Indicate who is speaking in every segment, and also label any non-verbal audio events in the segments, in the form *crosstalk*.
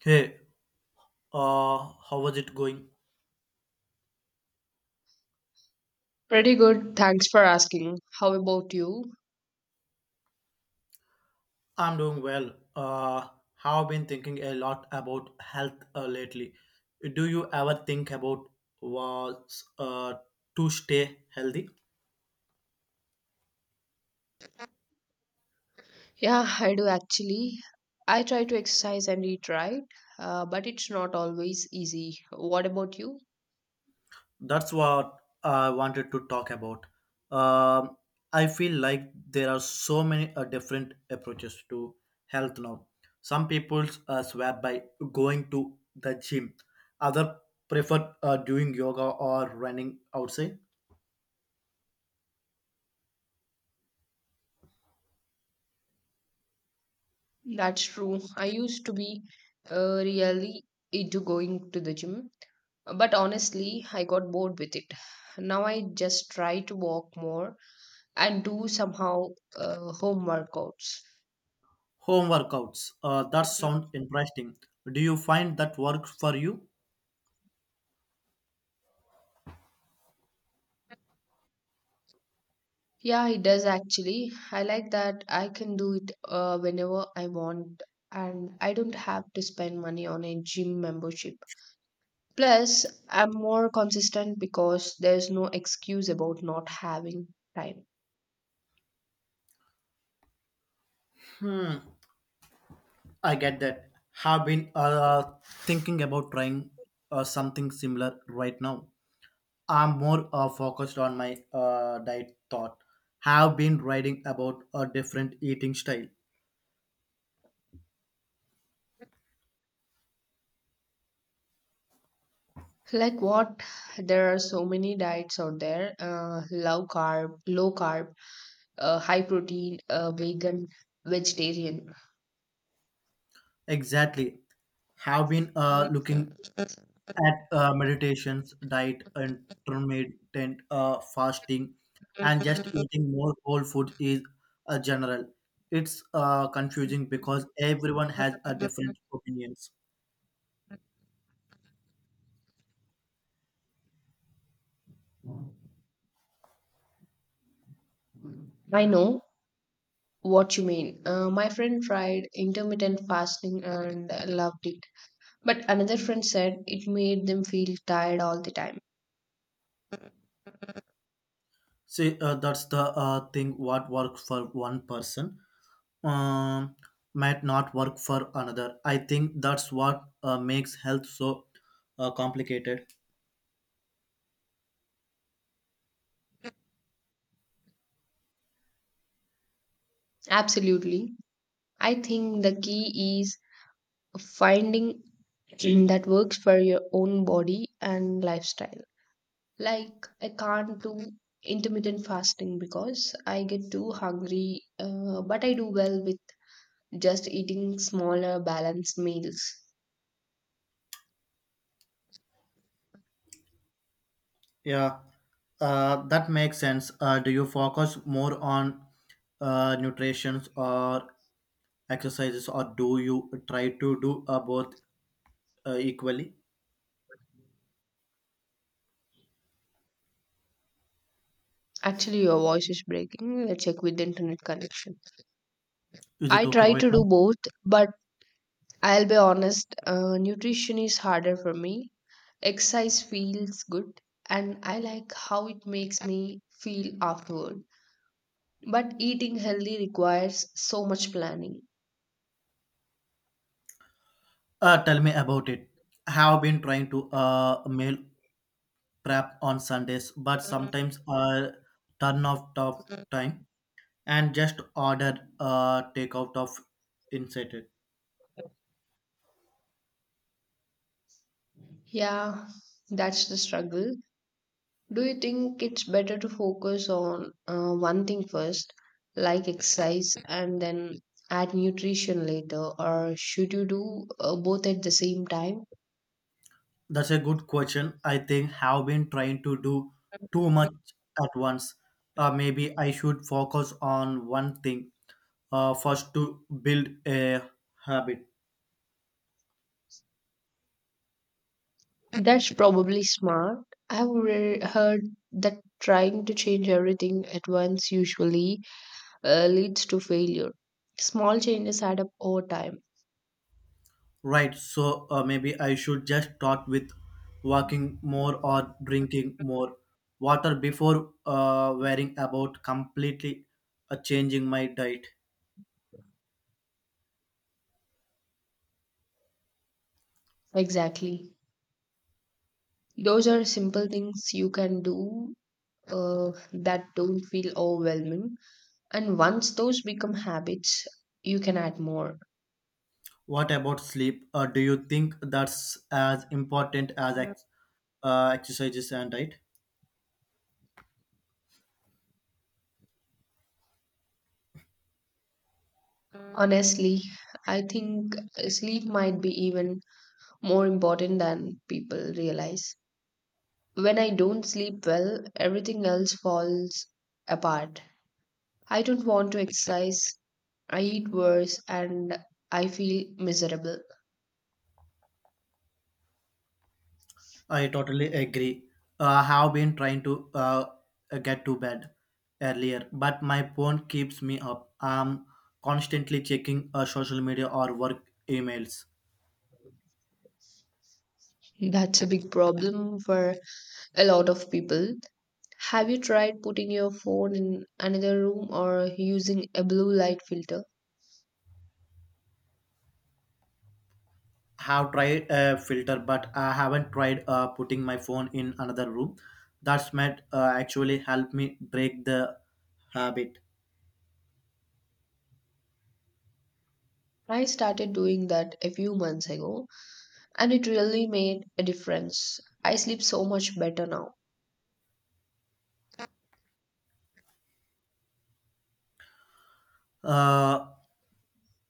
Speaker 1: Hey, uh, how was it going?
Speaker 2: Pretty good, thanks for asking. How about you?
Speaker 1: I'm doing well. Have been thinking a lot about health lately. Do you ever think about was to stay healthy?
Speaker 2: Yeah, I do actually. I try to exercise and eat right, but it's not always easy. What about you?
Speaker 1: That's what I wanted to talk about. Um, I feel like there are so many different approaches to health now. Some people swear by going to the gym. Other prefer doing yoga or running outside.
Speaker 2: That's true. I used to be really into going to the gym, but honestly, I got bored with it. Now I just try to walk more and do somehow home workouts.
Speaker 1: Home workouts. That sound interesting. Do you find that works for you?
Speaker 2: Yeah, it does actually. I like that I can do it whenever I want and I don't have to spend money on a gym membership. Plus, I'm more consistent because there's no excuse about not having time.
Speaker 1: Hmm, I get that. Have been thinking about trying something similar right now. I'm more focused on my diet thought. Have been writing about a different eating style.
Speaker 2: Like what? There are so many diets out there, low carb, high protein, vegan, vegetarian.
Speaker 1: Exactly. Have been
Speaker 2: Mm,
Speaker 1: looking at meditations, diet, intermittent fasting, and just eating more whole food is general. It's confusing because everyone has a different opinions.
Speaker 2: I know what you mean. My friend tried intermittent fasting and loved it. But another friend said it made them feel tired all the time.
Speaker 1: See, that's the thing. What works for one person um, might not work for another. I think that's what makes health so complicated.
Speaker 2: Absolutely. I think the key is finding *clears throat* that works for your own body and lifestyle. Like, I can't do intermittent fasting because I get too hungry, but I do well with just eating smaller, balanced meals.
Speaker 1: Yeah, that makes sense. Do you focus more on nutrition or exercises, or do you try to do both equally?
Speaker 2: Actually, your voice is breaking. Let's check with the internet connection.
Speaker 1: Is it
Speaker 2: I
Speaker 1: okay
Speaker 2: try
Speaker 1: right
Speaker 2: to
Speaker 1: now?
Speaker 2: do both, but I'll be honest, nutrition is harder for me. Exercise feels good and I like how it makes me feel afterward. But eating healthy requires so much planning.
Speaker 1: Tell me about it. I have been trying to meal prep on Sundays, but sometimes I turn off tough time and just order takeout of insight.
Speaker 2: Yeah, that's the struggle. Do you think it's better to focus on one thing first, like exercise, and then add nutrition later, or should you do both at the same time?
Speaker 1: That's a good question. I think have been trying to do too much at once. Maybe I should focus on one thing first to build a habit.
Speaker 2: That's probably smart. Heard that trying to change everything at once usually leads to failure. Small changes add up over time.
Speaker 1: Right. So maybe I should just start with walking more or drinking more water before worrying about completely changing my diet.
Speaker 2: Exactly. Those are simple things you can do that don't feel overwhelming. And once those become habits, you can add more.
Speaker 1: What about sleep? Do you think that's as important as exercises and diet?
Speaker 2: Honestly, I think sleep might be even more important than people realize. When I don't sleep well, everything else falls apart. I don't want to exercise, I eat worse, and I feel miserable.
Speaker 1: I totally agree. I have been trying to get to bed earlier, but my phone keeps me up. I'm constantly checking social media or work emails.
Speaker 2: That's a big problem for a lot of people. Have you tried putting your phone in another room or using a blue light filter?
Speaker 1: Have tried a filter, but I haven't tried putting my phone in another room. That's might actually help me break the habit.
Speaker 2: I started doing that a few months ago and it really made a difference. I sleep so much better now.
Speaker 1: Uh,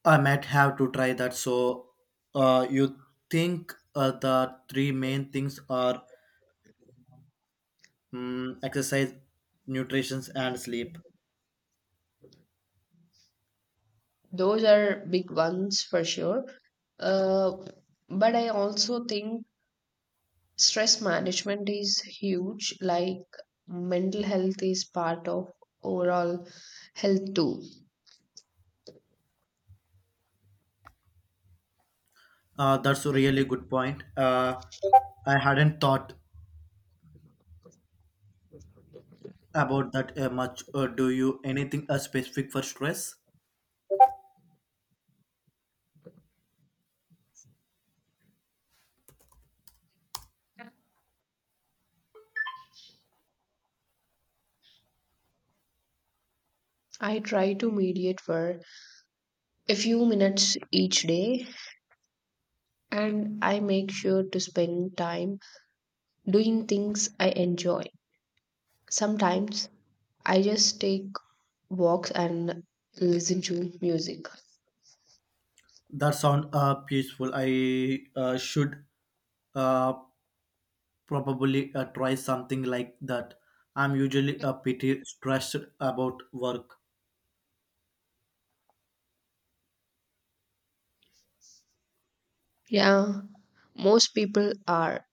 Speaker 1: I might have to try that. So, you think the three main things are exercise, nutrition, and sleep.
Speaker 2: Those are big ones for sure. Uh, but I also think stress management is huge, like mental health is part of overall health too.
Speaker 1: That's a really good point. I hadn't thought about that much. Do you anything specific for stress?
Speaker 2: I try to mediate for a few minutes each day, and I make sure to spend time doing things I enjoy. Sometimes I just take walks and listen to music.
Speaker 1: That sound peaceful. I should uh, probably try something like that. I'm usually a pretty stressed about work.
Speaker 2: Yeah, most people are.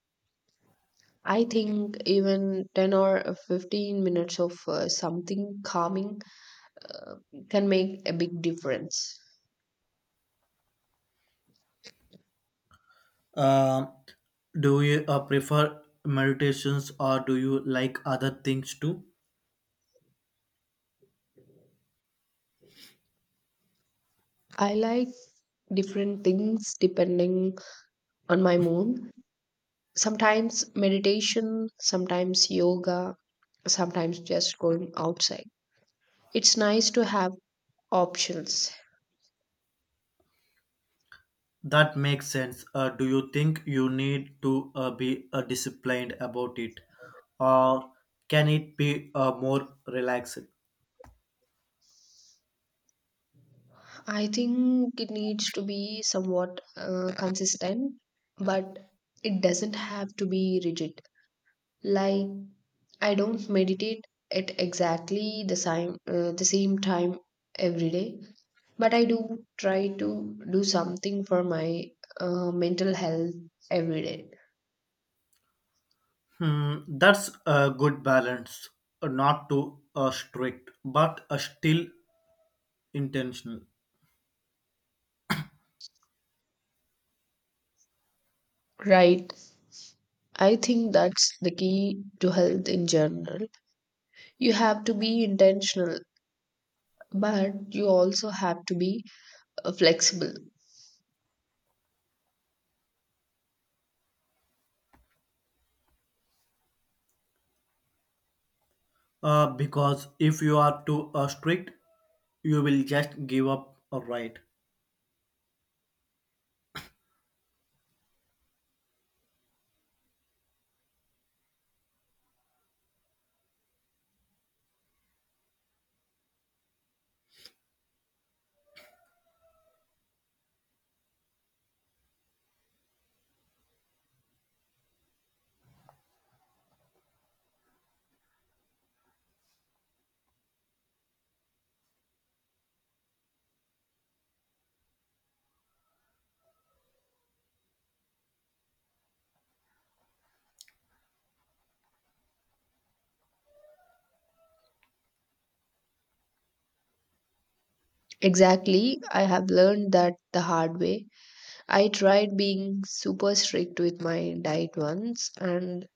Speaker 2: I think even 10 or 15 minutes of something calming uh, can make a big difference.
Speaker 1: Um do you prefer meditations or do you like other things too?
Speaker 2: I like different things depending on my mood. Sometimes meditation, sometimes yoga, sometimes just going outside. It's nice to have options.
Speaker 1: That makes sense. Do you think you need to be disciplined about it, or can it be more relaxed?
Speaker 2: I think it needs to be somewhat consistent, but it doesn't have to be rigid. Like, I don't meditate at exactly the same time every day, but I do try to do something for my mental health every day.
Speaker 1: Hmm, that's a good balance. Not too strict, but still intentional.
Speaker 2: Right. I think that's the key to health in general. You have to be intentional, but you also have to be flexible.
Speaker 1: Because if you are too strict, you will just give up. Right?
Speaker 2: Exactly. I have learned that the hard way. I tried being super strict with my diet once, and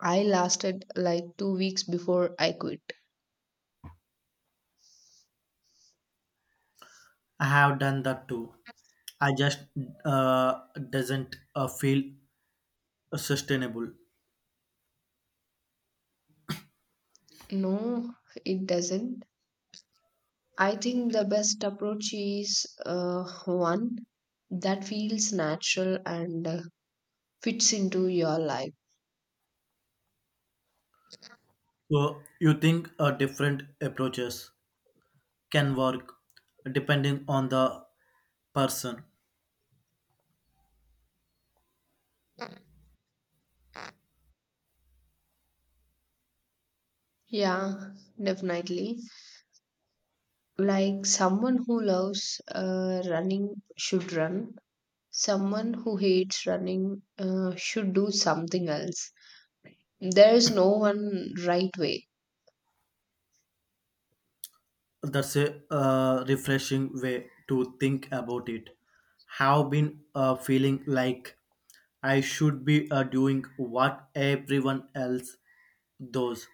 Speaker 2: I lasted like 2 weeks before I quit.
Speaker 1: I have done that too. I just uh, doesn't feel sustainable.
Speaker 2: No, it doesn't. I think the best approach is uh, one that feels natural and fits into your life.
Speaker 1: So you think different approaches can work depending on the person.
Speaker 2: Yeah, definitely. Like someone who loves running should run. Someone who hates running should do something else. There is no one right way.
Speaker 1: That's a refreshing way to think about it. Have been feeling like I should be doing what everyone else does.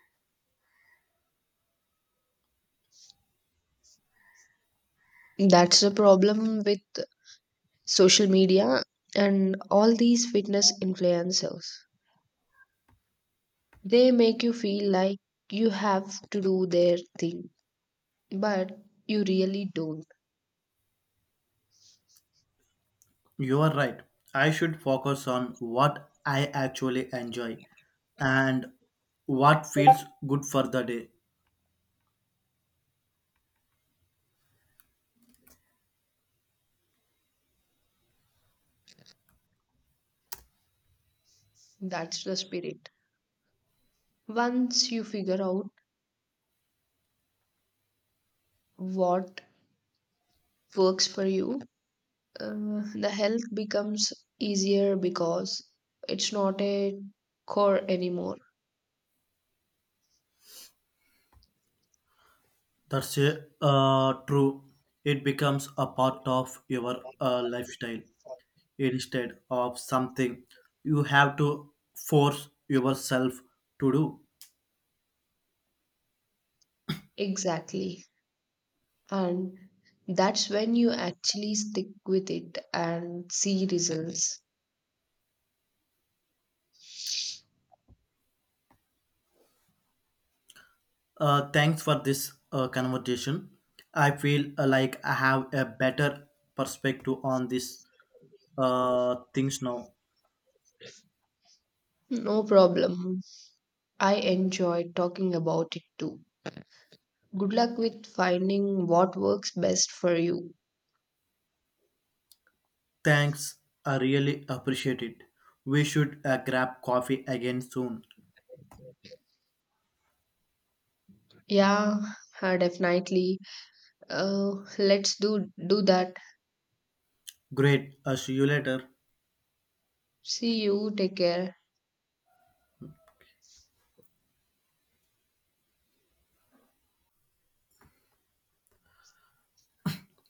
Speaker 2: That's the problem with social media and all these fitness influencers. They make you feel like you have to do their thing, but you really don't.
Speaker 1: You are right. I should focus on what I actually enjoy and what feels good for the day.
Speaker 2: That's the spirit. Once you figure out what works for you, the health becomes easier because it's not a core anymore.
Speaker 1: That's true. It becomes a part of your lifestyle instead of something you have to force yourself to do.
Speaker 2: Exactly. And that's when you actually stick with it and see results.
Speaker 1: Thanks for this conversation. I feel like I have a better perspective on these things now.
Speaker 2: No problem. I enjoy talking about it too. Good luck with finding what works best for you.
Speaker 1: Thanks. I really appreciate it. We should grab coffee again soon.
Speaker 2: Yeah, definitely. Uh, let's do that.
Speaker 1: Great. See you later.
Speaker 2: See you. Take care.